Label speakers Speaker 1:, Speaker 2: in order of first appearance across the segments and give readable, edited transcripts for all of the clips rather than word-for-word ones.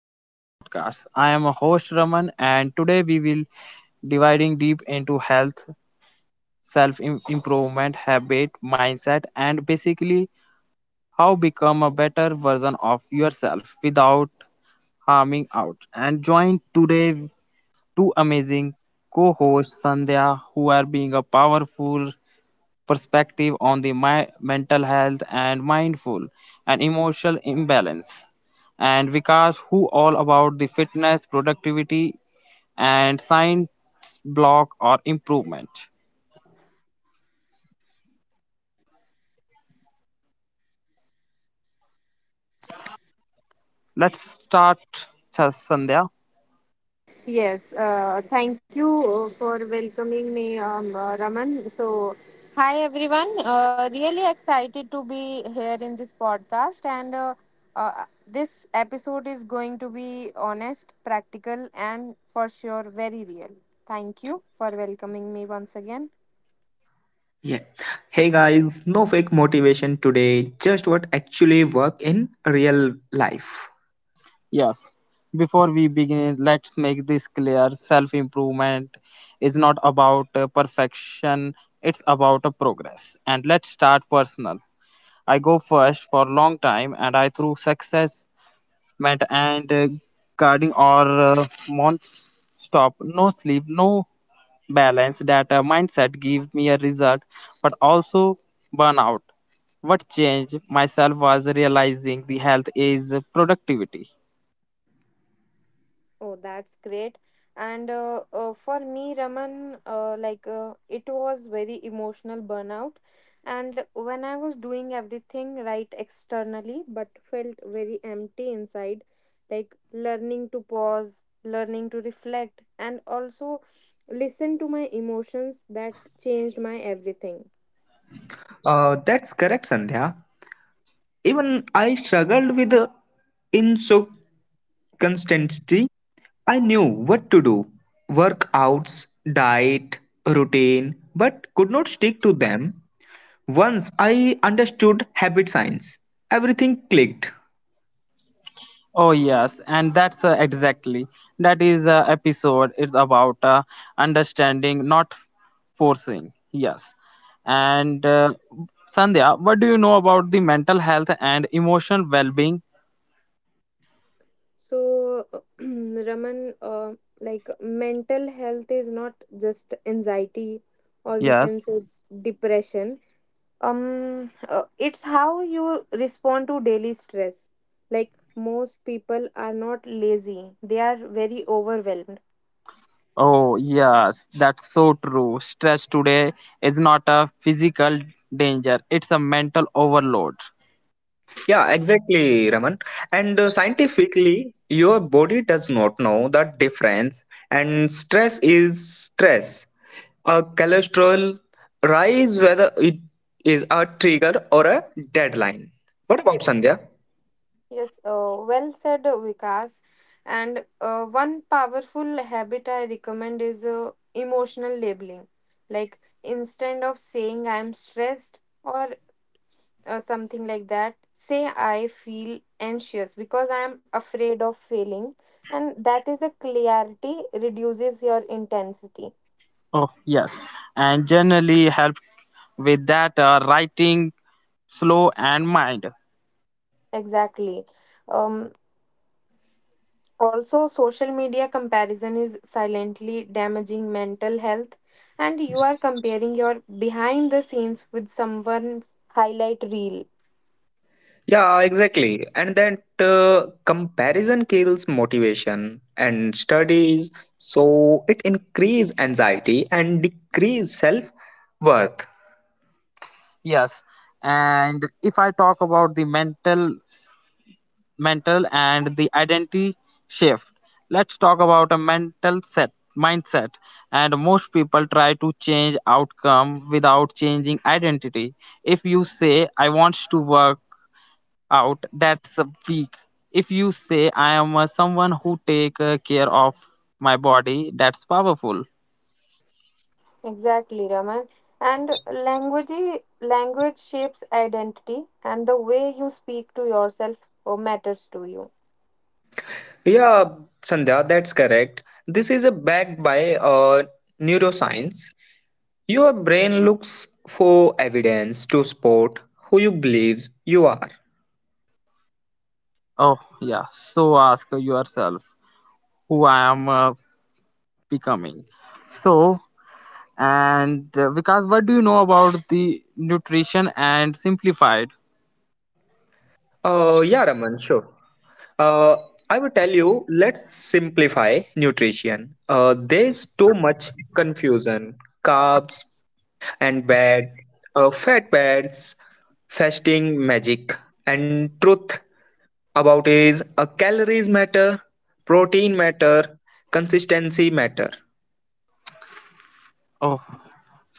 Speaker 1: Your podcast. I am a host Raman, and today we will dividing deep into health, self improvement, habit, mindset, and basically how become a better version of yourself without harming out. And join today two amazing co-hosts Sandhya, who are being a powerful perspective on the my mental health and mindful and emotional imbalance and Vikas, who all about the fitness, productivity, and science block or improvement. Let's start, Sandhya.
Speaker 2: Yes, thank you for welcoming me, Raman. So, hi everyone. Really excited to be here in this podcast, and this episode is going to be honest, practical, and for sure very real. Thank you for welcoming me once again.
Speaker 3: Yeah. Hey guys, no fake motivation today, just what actually work in real life.
Speaker 1: Yes. Before we begin, let's make this clear. Self improvement is not about perfection, it's about a progress. And let's start personal. I go first for long time, and I through success, meant and guarding or months stop, no sleep, no balance. That mindset give me a result but also burnout. What changed myself was realizing the health is productivity.
Speaker 2: Oh, that's great. And For me, Raman, it was very emotional burnout. And when I was doing everything right externally, but felt very empty inside, like learning to pause, learning to reflect, and also listen to my emotions that changed my everything.
Speaker 3: That's correct, Sandhya. Even I struggled with the inconsistency. I knew what to do workouts, diet, routine, but could not stick to them. Once I understood habit science, everything clicked.
Speaker 1: Oh yes, and that's exactly that is episode is about understanding not forcing. Yes. And Sandhya, what do you know about the mental health and emotional well-being?
Speaker 2: So, Raman, like mental health is not just anxiety, or we
Speaker 1: Yes.
Speaker 2: can say depression. It's how you respond to daily stress. Like most people are not lazy, they are very overwhelmed.
Speaker 1: Oh, yes, that's so true. Stress today is not a physical danger, it's a mental overload.
Speaker 3: Yeah, exactly, Raman. And scientifically, your body does not know the difference, and stress is stress. A cholesterol rise, whether it is a trigger or a deadline. What about Sandhya?
Speaker 2: Yes, well said, Vikas. And one powerful habit I recommend is emotional labeling. Like instead of saying I am stressed or something like that, say I feel anxious because I am afraid of failing. And that is the clarity reduces your intensity.
Speaker 1: Oh, yes. And generally help with that writing slow and mind.
Speaker 2: Exactly. Um, also, social media comparison is silently damaging mental health, and you are comparing your behind the scenes with someone's highlight reel.
Speaker 3: Yeah, exactly. And that comparison kills motivation and studies, so it increase anxiety and decrease self worth.
Speaker 1: Yes. And if I talk about the mental and the identity shift, let's talk about a mental set mindset and most people try to change outcome without changing identity. If you say I want to work out, that's a weak. If you say I am someone who take care of my body, that's powerful.
Speaker 2: Exactly, Raman. And language shapes identity, and the way you speak to yourself oh, matters to you.
Speaker 3: Yeah, Sandhya, that's correct. This is a backed by neuroscience. Your brain looks for evidence to support who you believe you are.
Speaker 1: Oh, yeah, so ask yourself who I am becoming. So and because, what do you know about the nutrition and simplified?
Speaker 3: Yeah, Raman, sure. Uh, I will tell you, let's simplify nutrition. There's too much confusion. Carbs and bad, fat bad, fasting magic and truth about is a calories matter, protein matter, consistency matter.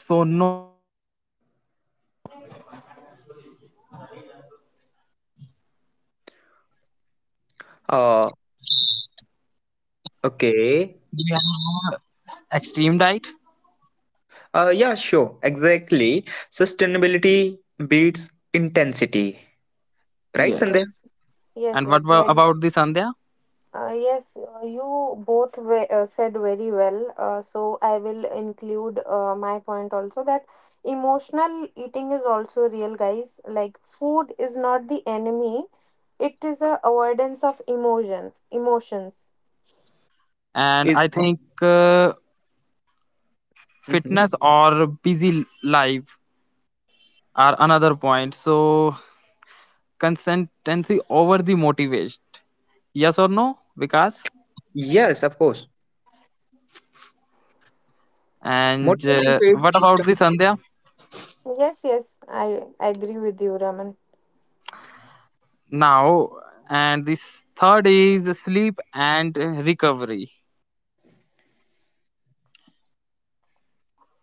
Speaker 1: Oh, so no,
Speaker 3: uh
Speaker 1: yeah.
Speaker 3: okay.
Speaker 1: Extreme diet.
Speaker 3: Yeah, sure, exactly. Sustainability beats intensity, right,
Speaker 2: Yes.
Speaker 3: Sandhya?
Speaker 1: Yes.
Speaker 2: Yes,
Speaker 1: And what
Speaker 2: yes. Very
Speaker 1: about the Sandhya?
Speaker 2: Yes, you both said very well. So I will include my point also that emotional eating is also real, guys. Like food is not the enemy; it is a avoidance of emotions.
Speaker 1: And
Speaker 3: Is.
Speaker 1: I think
Speaker 3: Mhm.
Speaker 1: fitness or busy life are another point, so consistency over the motivation. Yes or no, Vikas?
Speaker 3: Yes, of course.
Speaker 1: And
Speaker 3: Motivation fades,
Speaker 1: what about the
Speaker 3: system
Speaker 1: Sandhya
Speaker 3: stays.
Speaker 2: Yes, yes, I agree with you, Raman.
Speaker 1: now? And this third is sleep and recovery.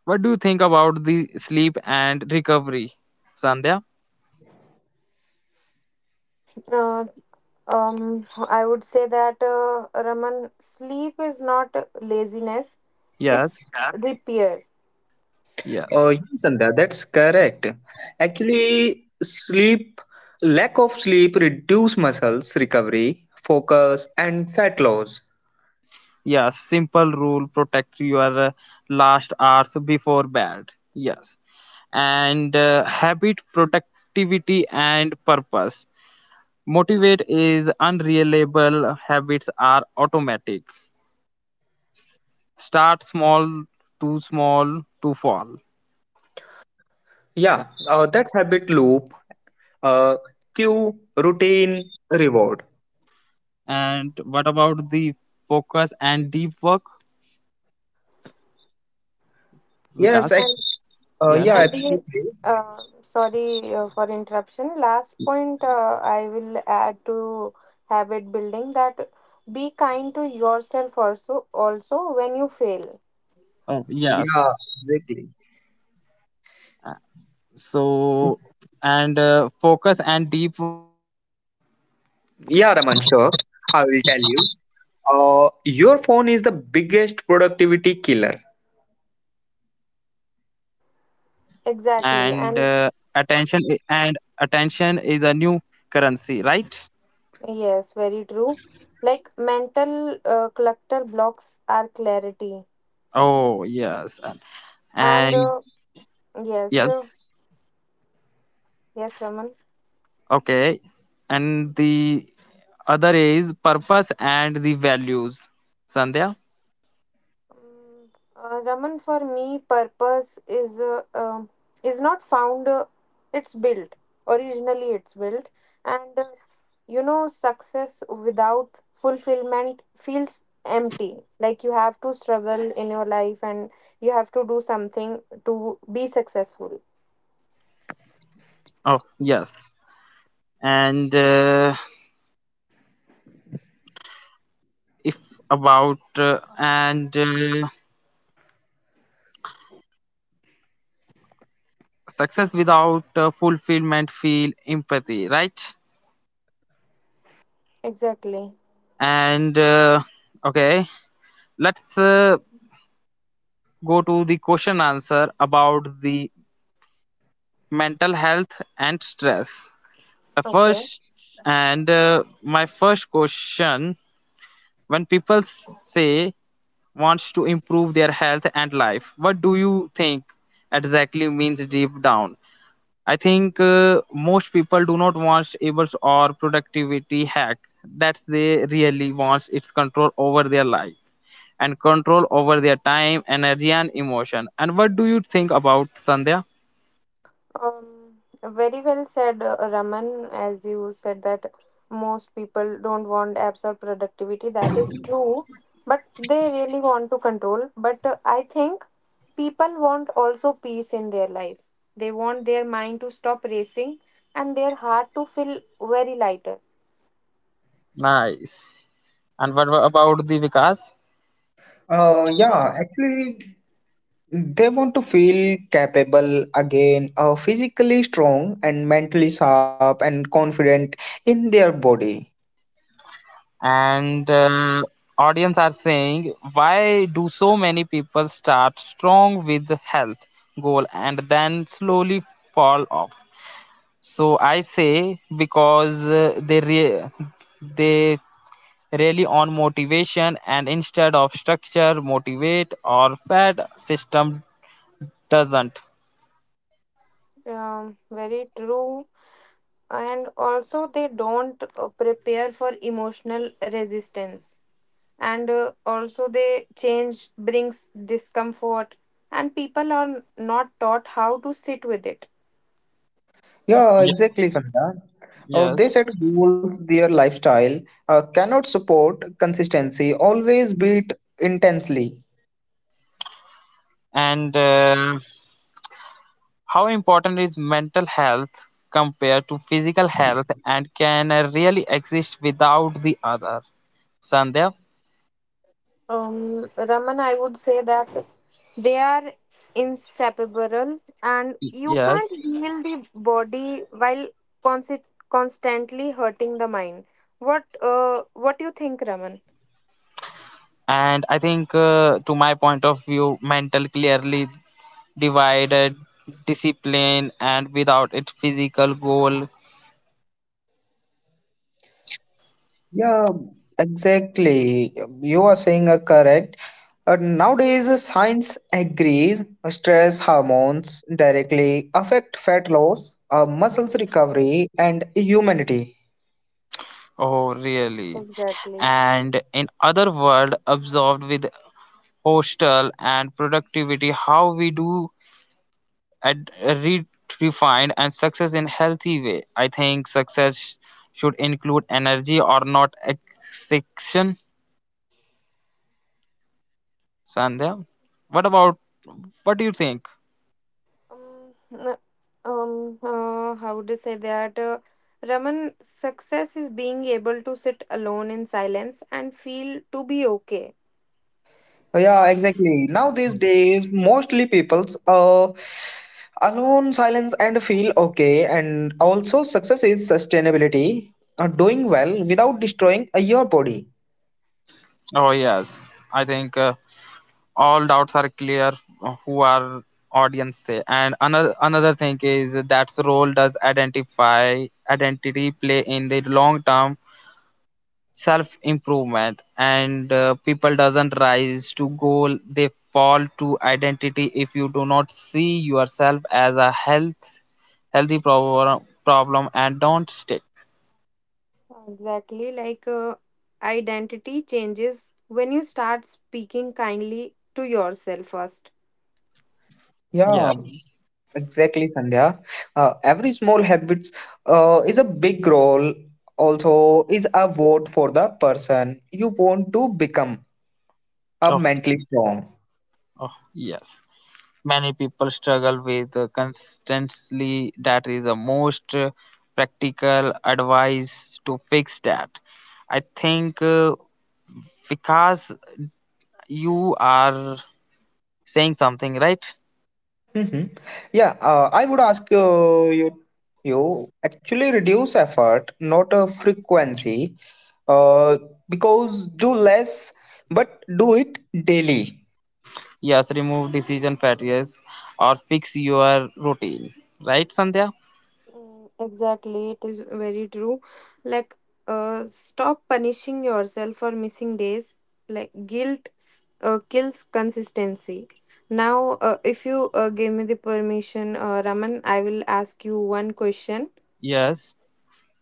Speaker 1: What do you think about the sleep and recovery, Sandhya?
Speaker 2: Uh, I would say that Raman, sleep is not laziness; it's
Speaker 1: Yes,
Speaker 2: Yeah. repair.
Speaker 3: Uh,
Speaker 1: yes,
Speaker 3: yes, Sandhya, that's correct. Actually, sleep, lack of sleep reduce muscles recovery, focus, and fat loss.
Speaker 1: yes. Simple rule: protect your last hours before bed. Yes, and habit, productivity, and purpose. Motivate is unreliable habits are automatic. S- Start small, too small, to fall.
Speaker 3: Yeah, that's habit loop. Uh, Cue, routine, reward.
Speaker 1: And what about the focus and deep work,
Speaker 3: Yes,
Speaker 1: Vikas?
Speaker 3: ac-
Speaker 1: Yes,
Speaker 3: yeah,
Speaker 2: And
Speaker 1: yes.
Speaker 2: the
Speaker 3: absolutely.
Speaker 2: sorry for interruption. Last point I will add to habit building that be kind to yourself also when you fail.
Speaker 1: Oh, yes.
Speaker 3: Yeah, exactly.
Speaker 1: Uh, So, and focus and deep work
Speaker 3: Yeah, Raman, sure. I will tell you. Your phone is the biggest productivity killer.
Speaker 1: and attention i- and
Speaker 2: Exactly. And
Speaker 1: attention is a new currency, right?
Speaker 2: yes, very true. Like mental clutter blocks our clarity.
Speaker 1: Oh, yes.
Speaker 2: And
Speaker 1: And
Speaker 2: uh, yes, uh,
Speaker 1: yes,
Speaker 2: yes, Raman.
Speaker 1: okay. And the other is purpose and the values, Sandhya.
Speaker 2: Mm, Raman, for me, purpose is not found. It's built. Originally, it's built, and you know, success without fulfillment feels empty. Like you have to struggle in your life, and you have to do something to be successful.
Speaker 1: Oh yes, and if about and success without fulfillment feel empathy, right?
Speaker 2: Exactly.
Speaker 1: And okay, let's go to the question answer about the mental health and stress. The
Speaker 2: Okay.
Speaker 1: first and my first question: when people say wants to improve their health and life, what do you think exactly means deep down? I think most people do not want able or productivity hack. That's they really wants its control over their life and control over their time, energy, and emotion. And what do you think about Sandhya?
Speaker 2: Um, very well said, Raman, as you said that most people don't want apps or productivity. That is true, but they really want to control. But I think people want also peace in their life. They want their mind to stop racing and their heart to feel very lighter.
Speaker 1: Nice. And what about the Vikas?
Speaker 3: Yeah, Actually, they want to feel capable again, physically strong and mentally sharp and confident in their body.
Speaker 1: And audience are saying why do so many people start strong with health goal and then slowly fall off. So I say because they rely on motivation, and instead of structure motivate or fed system doesn't.
Speaker 2: Very true. And also, they don't prepare for emotional resistance and also they change brings discomfort and people are not taught how to sit with it.
Speaker 3: Yeah,
Speaker 1: Ye-
Speaker 3: exactly, Sandra. Oh, they
Speaker 1: yes
Speaker 3: set goals their lifestyle cannot support consistency, always beat intensely.
Speaker 1: and how important is mental health compared to physical health, and can I really exist without the other? Sandhya?
Speaker 2: Raman, I would say that they are inseparable, and you can't
Speaker 1: Yes.
Speaker 2: heal the body while consi- constantly hurting the mind. What what do you think, Raman?
Speaker 1: And I think, to my point of view, mental clearly divided discipline and without it physical goal.
Speaker 3: Yeah, exactly. You are saying correct. Nowadays, science agrees stress hormones directly affect fat loss, muscles recovery, and humanity.
Speaker 1: Oh, really?
Speaker 2: Exactly.
Speaker 1: And in other world, absorbed with hostel and productivity, how we do ad- re- refined and success in healthy way. I think success should include energy or not exception. Sandhya, what about what do you think?
Speaker 2: Um, n- how would I say that? Raman, success is being able to sit alone in silence and feel to be okay.
Speaker 3: Yeah, exactly. Now these days, mostly people's alone silence and feel okay. And also, success is sustainability, doing well without destroying your body.
Speaker 1: Oh yes, I think all doubts are clear who our audience say. And another thing is that's role does identify identity play in the long term self improvement. And people doesn't rise to goal, they fall to identity. If you do not see yourself as a healthy problem and don't stick.
Speaker 2: Exactly, like identity changes when you start speaking kindly to yourself first.
Speaker 1: Yeah.
Speaker 3: Yeah, exactly, Sandhya. Every small habits is a big role. Also, is a vote for the person you want to become a
Speaker 1: Oh,
Speaker 3: mentally strong.
Speaker 1: oh yes, many people struggle with constantly. That is the most practical advice to fix that. I think because you are saying something right.
Speaker 3: hmm Yeah, I would ask you. You actually reduce effort, not a frequency, uh, because do less, but do it daily.
Speaker 1: Yes, remove decision fatigue or fix your routine. Right, Sandhya?
Speaker 2: Mm, exactly, it is very true. Like, stop punishing yourself for missing days. Like, guilt kills consistency. Now, if you give me the permission, Raman, I will ask you one question.
Speaker 1: Yes.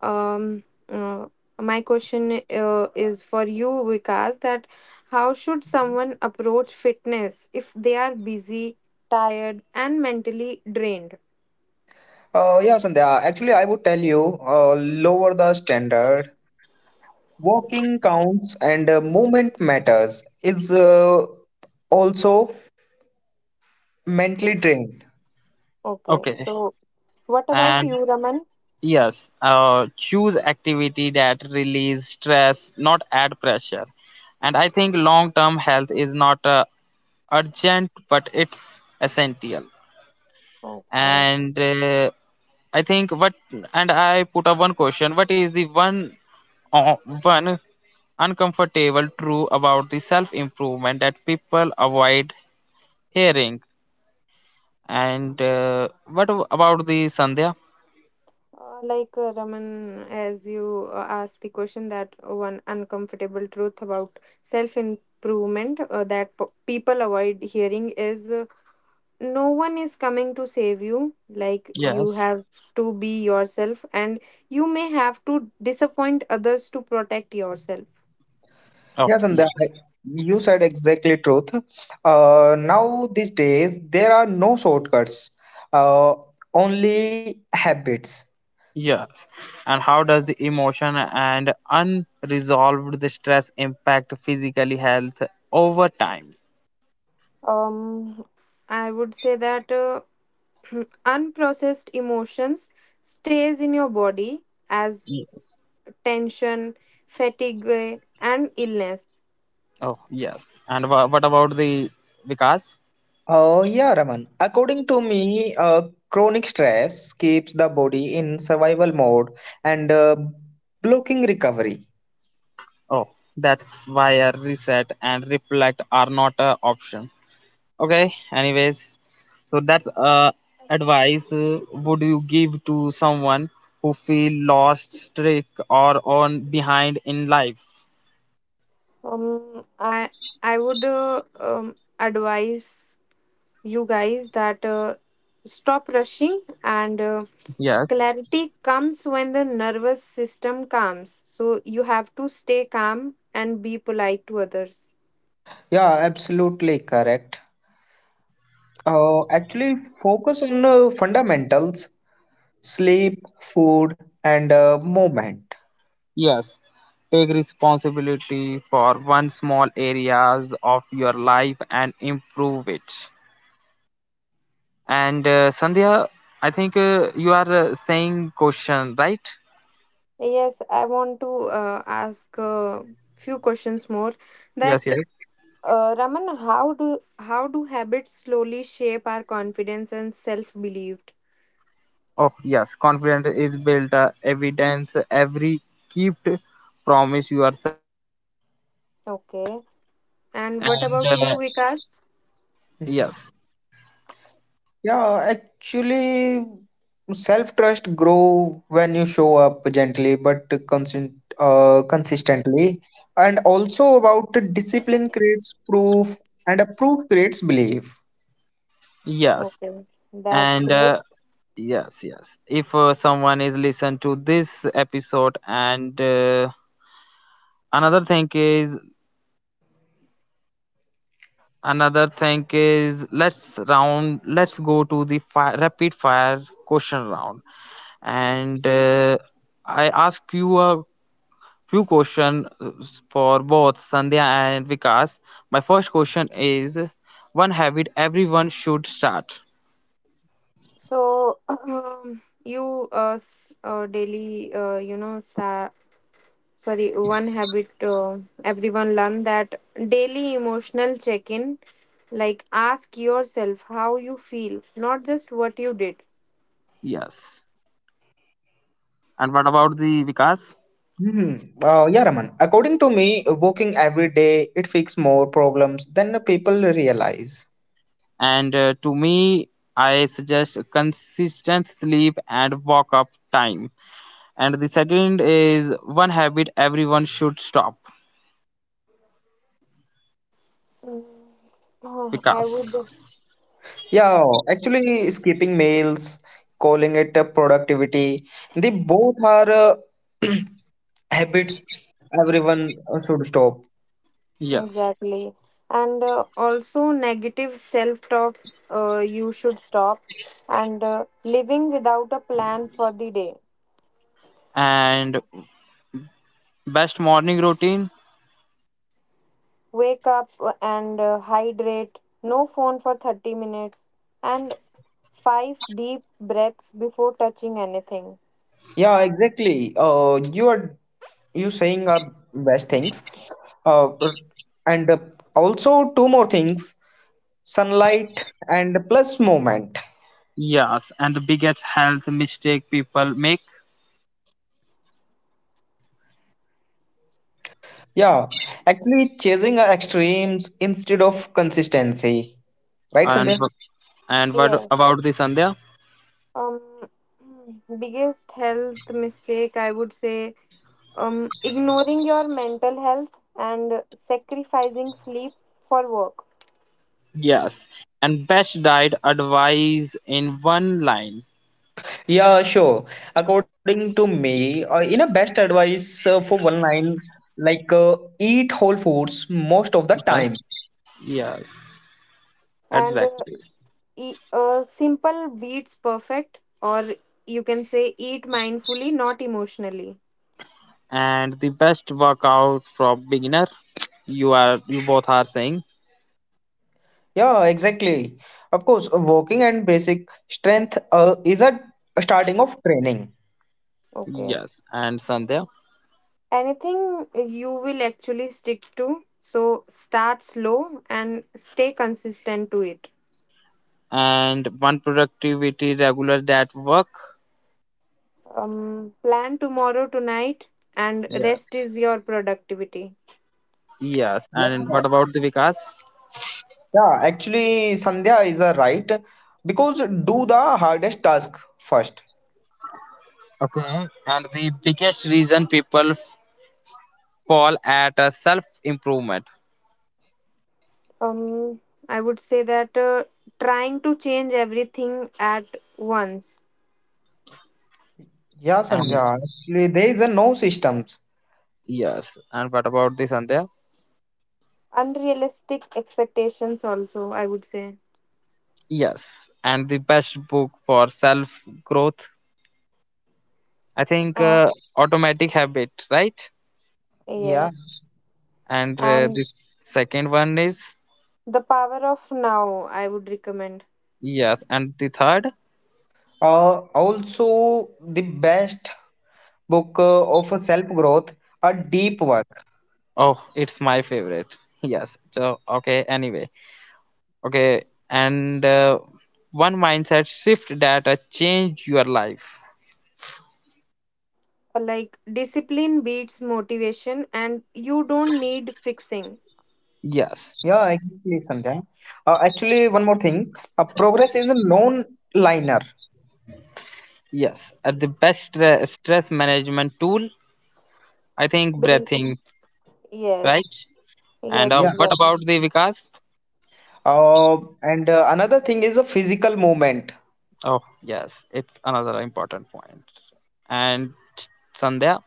Speaker 2: Um, uh, my question is for you, Vikas, that how should someone approach fitness if they are busy, tired, and mentally drained?
Speaker 3: Yeah, Sandhya. Actually, I would tell you lower the standard. Walking counts and movement matters. It's also mentally drained.
Speaker 2: Okay,
Speaker 1: Okay.
Speaker 2: so what about
Speaker 1: And
Speaker 2: you, Raman?
Speaker 1: yes, choose activity that release stress, not add pressure. And I think long term health is not urgent, but it's essential.
Speaker 2: Okay.
Speaker 1: And I think what, and I put up one question: what is the one, uh, one uncomfortable truth about the self improvement that people avoid hearing? And what about the Sandhya?
Speaker 2: Raman, as you asked the question, that one uncomfortable truth about self improvement people avoid hearing is no one is coming to save you. Like you
Speaker 1: Yes.
Speaker 2: have to be yourself, and you may have to disappoint others to protect yourself.
Speaker 1: Oh,
Speaker 3: Yes, and
Speaker 1: yeah.
Speaker 3: you said exactly truth. Now these days there are no shortcuts, uh, only habits.
Speaker 1: Yes. And how does the emotion and unresolved the stress impact physically health over time?
Speaker 2: Um, I would say that unprocessed emotions stays in your body as
Speaker 1: Ye-
Speaker 2: tension, fatigue, and illness.
Speaker 1: Oh, yes. And what about the Vikas?
Speaker 3: Yeah, Raman. According to me, chronic stress keeps the body in survival mode and blocking recovery.
Speaker 1: Oh, that's why a reset and reflect are not an option. Okay, anyways, so that's advice would you give to someone who feel lost, stuck, or on behind in life?
Speaker 2: Um, I I would advise you guys that stop rushing and
Speaker 1: Yes,
Speaker 2: clarity comes when the nervous system calms. So you have to stay calm and be polite to others.
Speaker 3: Yeah, absolutely correct. Actually, focus on fundamentals, sleep, food, and movement.
Speaker 1: yes. Take responsibility for one small areas of your life and improve it. And Sandhya, I think you are saying question, right?
Speaker 2: Yes, I want to ask a few questions more. That
Speaker 1: Yes, yes.
Speaker 2: Raman, how do habits slowly shape our confidence and self belief?
Speaker 1: Oh, yes. Confidence is built evidence every kept promise yourself and.
Speaker 2: Okay. And what about you,
Speaker 1: Yes,
Speaker 2: Vikas?
Speaker 3: Mhm. Yeah, actually, self-trust grow when you show up gently but consist consistently. And also about the discipline creates proof, and a proof creates belief.
Speaker 1: yes.
Speaker 2: Okay,
Speaker 1: And
Speaker 2: that's great.
Speaker 1: yes, yes, if someone is listen to this episode. And another thing is another thing is, let's go to the fire rapid fire question round. And I ask you a few question for both Sandhya and Vikas. My first question is one habit everyone should start.
Speaker 2: So, you s- daily you know sta sorry one habit everyone learn that daily emotional check-in, like ask yourself how you feel, not just what you did.
Speaker 1: Yes. And what about the Vikas?
Speaker 3: hmm yeah, Raman. According to me, working every day it fixes more problems than the people realize.
Speaker 1: And to me, I suggest consistent sleep and wake up time. And the second is one habit everyone should stop
Speaker 2: Mm, oh, I would.
Speaker 1: because.
Speaker 3: Yeah, actually, skipping meals, calling it a productivity, they both are habits everyone should stop.
Speaker 1: Yes.
Speaker 2: Exactly. And also, negative self talk, you should stop. And living without a plan for the day.
Speaker 1: And best morning routine.
Speaker 2: Wake up and hydrate. No phone for 30 minutes. And five deep breaths before touching anything.
Speaker 3: Yeah, exactly. You are you saying are best things. Uh, r- and also two more things: sunlight and plus moment.
Speaker 1: Yes. And the biggest health mistake people make.
Speaker 3: Yeah, actually, chasing extremes instead of consistency. Right,
Speaker 1: and
Speaker 3: Sandhya?
Speaker 1: and what
Speaker 2: Yeah.
Speaker 1: about the Sandhya?
Speaker 2: Um, biggest health mistake I would say ignoring your mental health and sacrificing sleep for
Speaker 1: Yes.
Speaker 2: work.
Speaker 1: And best diet advice in one line.
Speaker 3: Yeah, sure. According to me, in a best advice for one line, like eat whole foods
Speaker 1: Yes,
Speaker 3: most of the time.
Speaker 1: yes, exactly.
Speaker 2: And simple beats perfect, or you can say eat mindfully, not emotionally.
Speaker 1: And the best workout for beginner. You both are saying.
Speaker 3: Yeah, exactly. Of course, walking and basic strength is a starting of training.
Speaker 2: Okay.
Speaker 1: Yes. And Sandhya.
Speaker 2: Anything you will actually stick to, so start slow and stay consistent to it.
Speaker 1: And one productivity regular that work.
Speaker 2: Plan tomorrow tonight, and
Speaker 1: Yeah,
Speaker 2: rest is your productivity.
Speaker 1: yes. And
Speaker 3: Yeah,
Speaker 1: what about the Vikas?
Speaker 3: yeah. Actually, Sandhya is a right because do the hardest task first.
Speaker 1: Okay. And the biggest reason people fall at a self improvement.
Speaker 2: Um, I would say that trying to change everything at once,
Speaker 3: Yeah,
Speaker 1: And
Speaker 3: Sandhya. Actually, there is a no systems.
Speaker 1: yes. And what about the Sandhya?
Speaker 2: unrealistic expectations also. I would say.
Speaker 1: Yes. And the best book for self growth. I think
Speaker 2: Ah,
Speaker 1: automatic habit, right?
Speaker 3: Yeah.
Speaker 2: yes.
Speaker 1: And the
Speaker 2: And
Speaker 1: second one is.
Speaker 2: the power of now, I would recommend.
Speaker 1: Yes. And the third.
Speaker 3: Also the best book of self growth, a deep work.
Speaker 1: Oh, it's my favorite. Yes. So, okay, anyway. Okay, and one mindset shift that change your life.
Speaker 2: Like discipline beats motivation, and you don't need fixing.
Speaker 3: Yeah,
Speaker 1: Yes.
Speaker 3: exactly, Sandhya. Actually, one more thing, progress is a non liner.
Speaker 1: Yes. The best stress management tool, I think
Speaker 2: Bre-
Speaker 1: breathing,
Speaker 2: Yes,
Speaker 1: right? And
Speaker 2: yes,
Speaker 3: Yeah.
Speaker 1: what
Speaker 2: exactly.
Speaker 1: about the Vikas?
Speaker 3: Uh, and uh, another thing is a physical movement.
Speaker 1: Oh, yes. It's another important point. And Sandhya?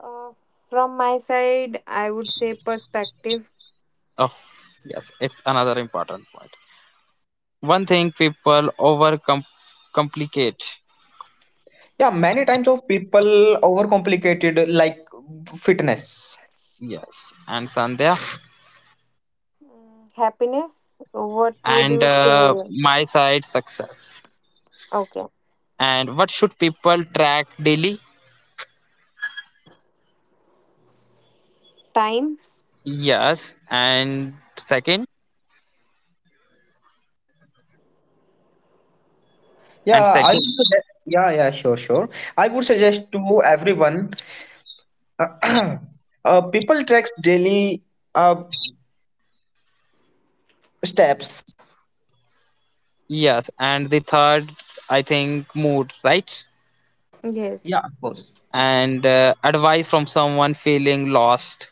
Speaker 2: Uh, from my side, I would say perspective.
Speaker 1: Oh, yes. It's another important point. One thing people over complicate.
Speaker 3: Yeah, many times of people overcomplicated like fitness.
Speaker 1: Yes. And Sandhya?
Speaker 2: Mm, happiness, what would
Speaker 1: And
Speaker 2: you say?
Speaker 1: my side success.
Speaker 2: Okay,
Speaker 1: And what should people track daily?
Speaker 2: time.
Speaker 1: Yes. And second and
Speaker 3: yeah i
Speaker 1: second
Speaker 3: would suggest yeah yeah sure sure I would suggest to everyone, people tracks daily, uh, steps.
Speaker 1: Yes. And the third, I think mood, right?
Speaker 2: Yes.
Speaker 3: Yeah, of course.
Speaker 1: And advice from someone feeling lost,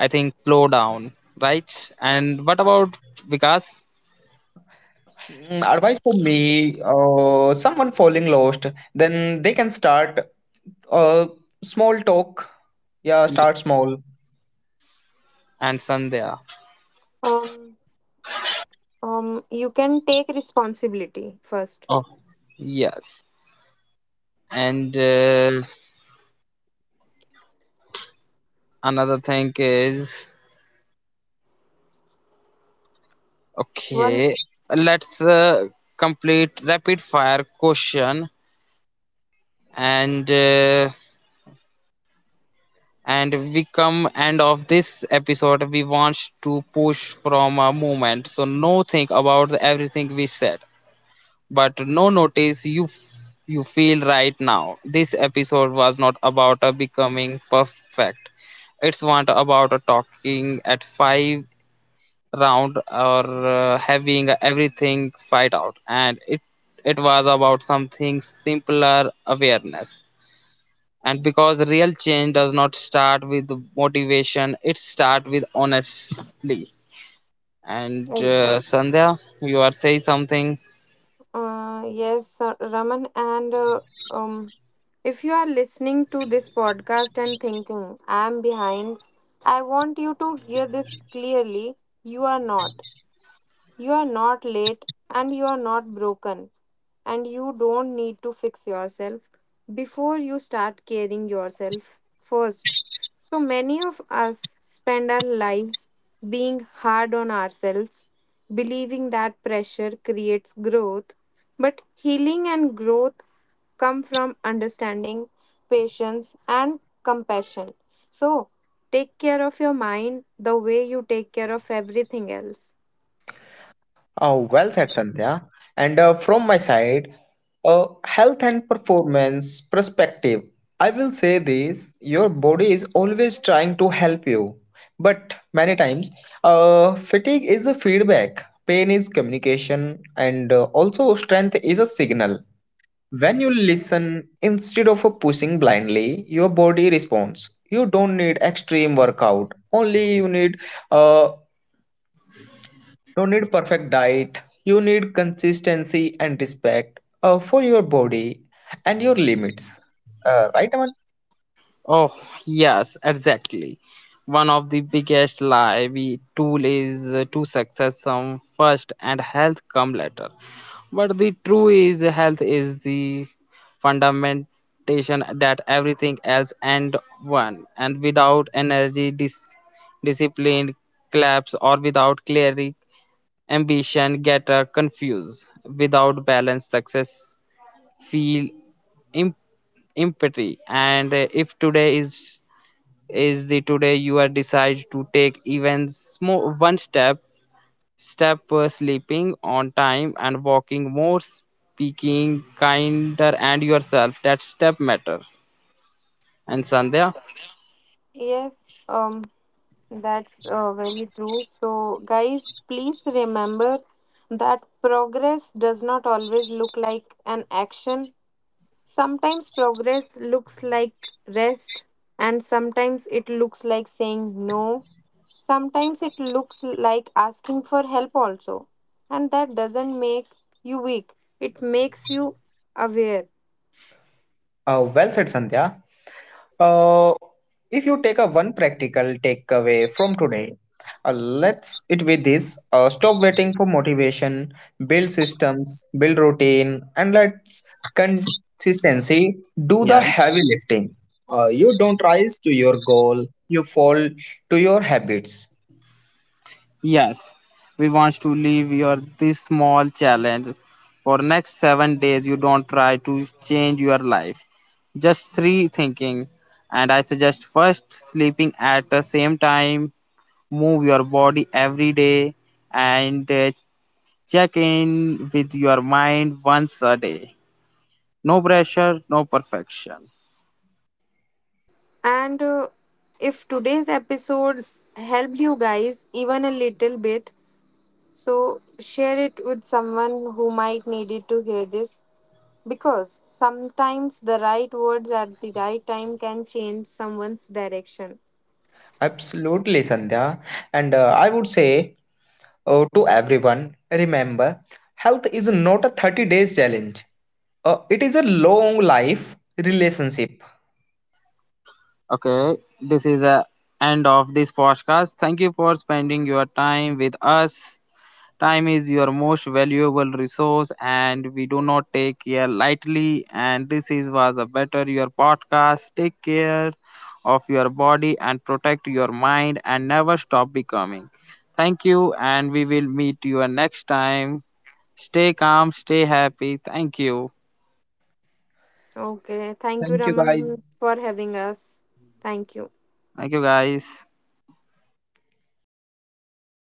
Speaker 1: I think slow down, right? And what about Vikas?
Speaker 3: Mm, advice for me, someone falling lost, then they can start a small talk. Yeah, start small.
Speaker 1: And Sandhya?
Speaker 2: Um, you can take responsibility first.
Speaker 1: Oh, yes. And another thing is.
Speaker 2: One
Speaker 1: Okay, let's complete rapid fire question. And and we come end of this episode. We want to push from a moment, so no think about everything we said, but no notice you feel right now. This episode was not about becoming perfect. It's not about talking at 5 round or having everything fight out. And it was about something simpler: awareness. And because real change does not start with motivation, it starts with honestly. And Sandhya, you are saying something.
Speaker 2: Yes, Raman, and um, if you are listening to this podcast and thinking, I'm behind, I want you to hear this clearly. You are not. You are not late and you are not broken, and you don't need to fix yourself before you start caring yourself first. So many of us spend our lives being hard on ourselves, believing that pressure creates growth, but healing and growth come from understanding, patience, and compassion. So, take care of your mind the way you take care of everything else.
Speaker 3: Oh, well said, Sandhya. And from my side, a health and performance perspective, I will say this: your body is always trying to help you, but many times, fatigue is a feedback, pain is communication, and also strength is a signal. When you listen instead of pushing blindly, your body responds. You don't need extreme workout. Only uh you need perfect diet. You need consistency and respect for your body and your limits. Right, Aman?
Speaker 1: Oh yes, exactly. One of the biggest lie we tool is to success some first and health come later. But the true is health is the fundamentation that everything else and one. And without energy, discipline, collapse, or without clarity, ambition get confused. Without balance, success feel imp- empty. And if today is the today you are decide to take even small one step sleeping on time and walking more, speaking kinder and yourself, that step matter. And Sandhya.
Speaker 2: Yes, um, that's very true. So, guys, please remember that progress does not always look like an action. Sometimes progress looks like rest, and sometimes it looks like saying no. Sometimes it looks like asking for help, also. And that doesn't make you weak, it makes you aware.
Speaker 3: Well said, Sandhya. Uh, if you take a one practical takeaway from today, let's it be this: stop waiting for motivation, build systems, build routine, and let's consistency do the
Speaker 1: Yes.
Speaker 3: heavy lifting. You don't rise to your goal; you fall to your habits.
Speaker 1: Yes, we want to leave your this small challenge for next 7 days. You don't try to change your life, just three thinking. And I suggest first sleeping at the same time, move your body every day, and check in with your mind once a day. No pressure, no perfection.
Speaker 2: And if today's episode helped you guys even a little bit, so share it with someone who might need it to hear this. Because sometimes the right words at the right time can change someone's direction.
Speaker 3: Absolutely, Sandhya. And I would say, oh, to everyone, remember, health is not a 30 days challenge. It is a long life relationship.
Speaker 1: Okay, this is a end of this podcast. Thank you for spending your time with us. Time is your most valuable resource and we do not take care lightly. And this is was a Better Your podcast. Take care of your body and protect your mind, and never stop becoming. Thank you, and we will meet you next time. Stay calm, stay happy. Thank you.
Speaker 2: Okay, thank you,
Speaker 3: Thank you guys.
Speaker 2: Raman, for having us. Thank you.
Speaker 1: Thank you guys.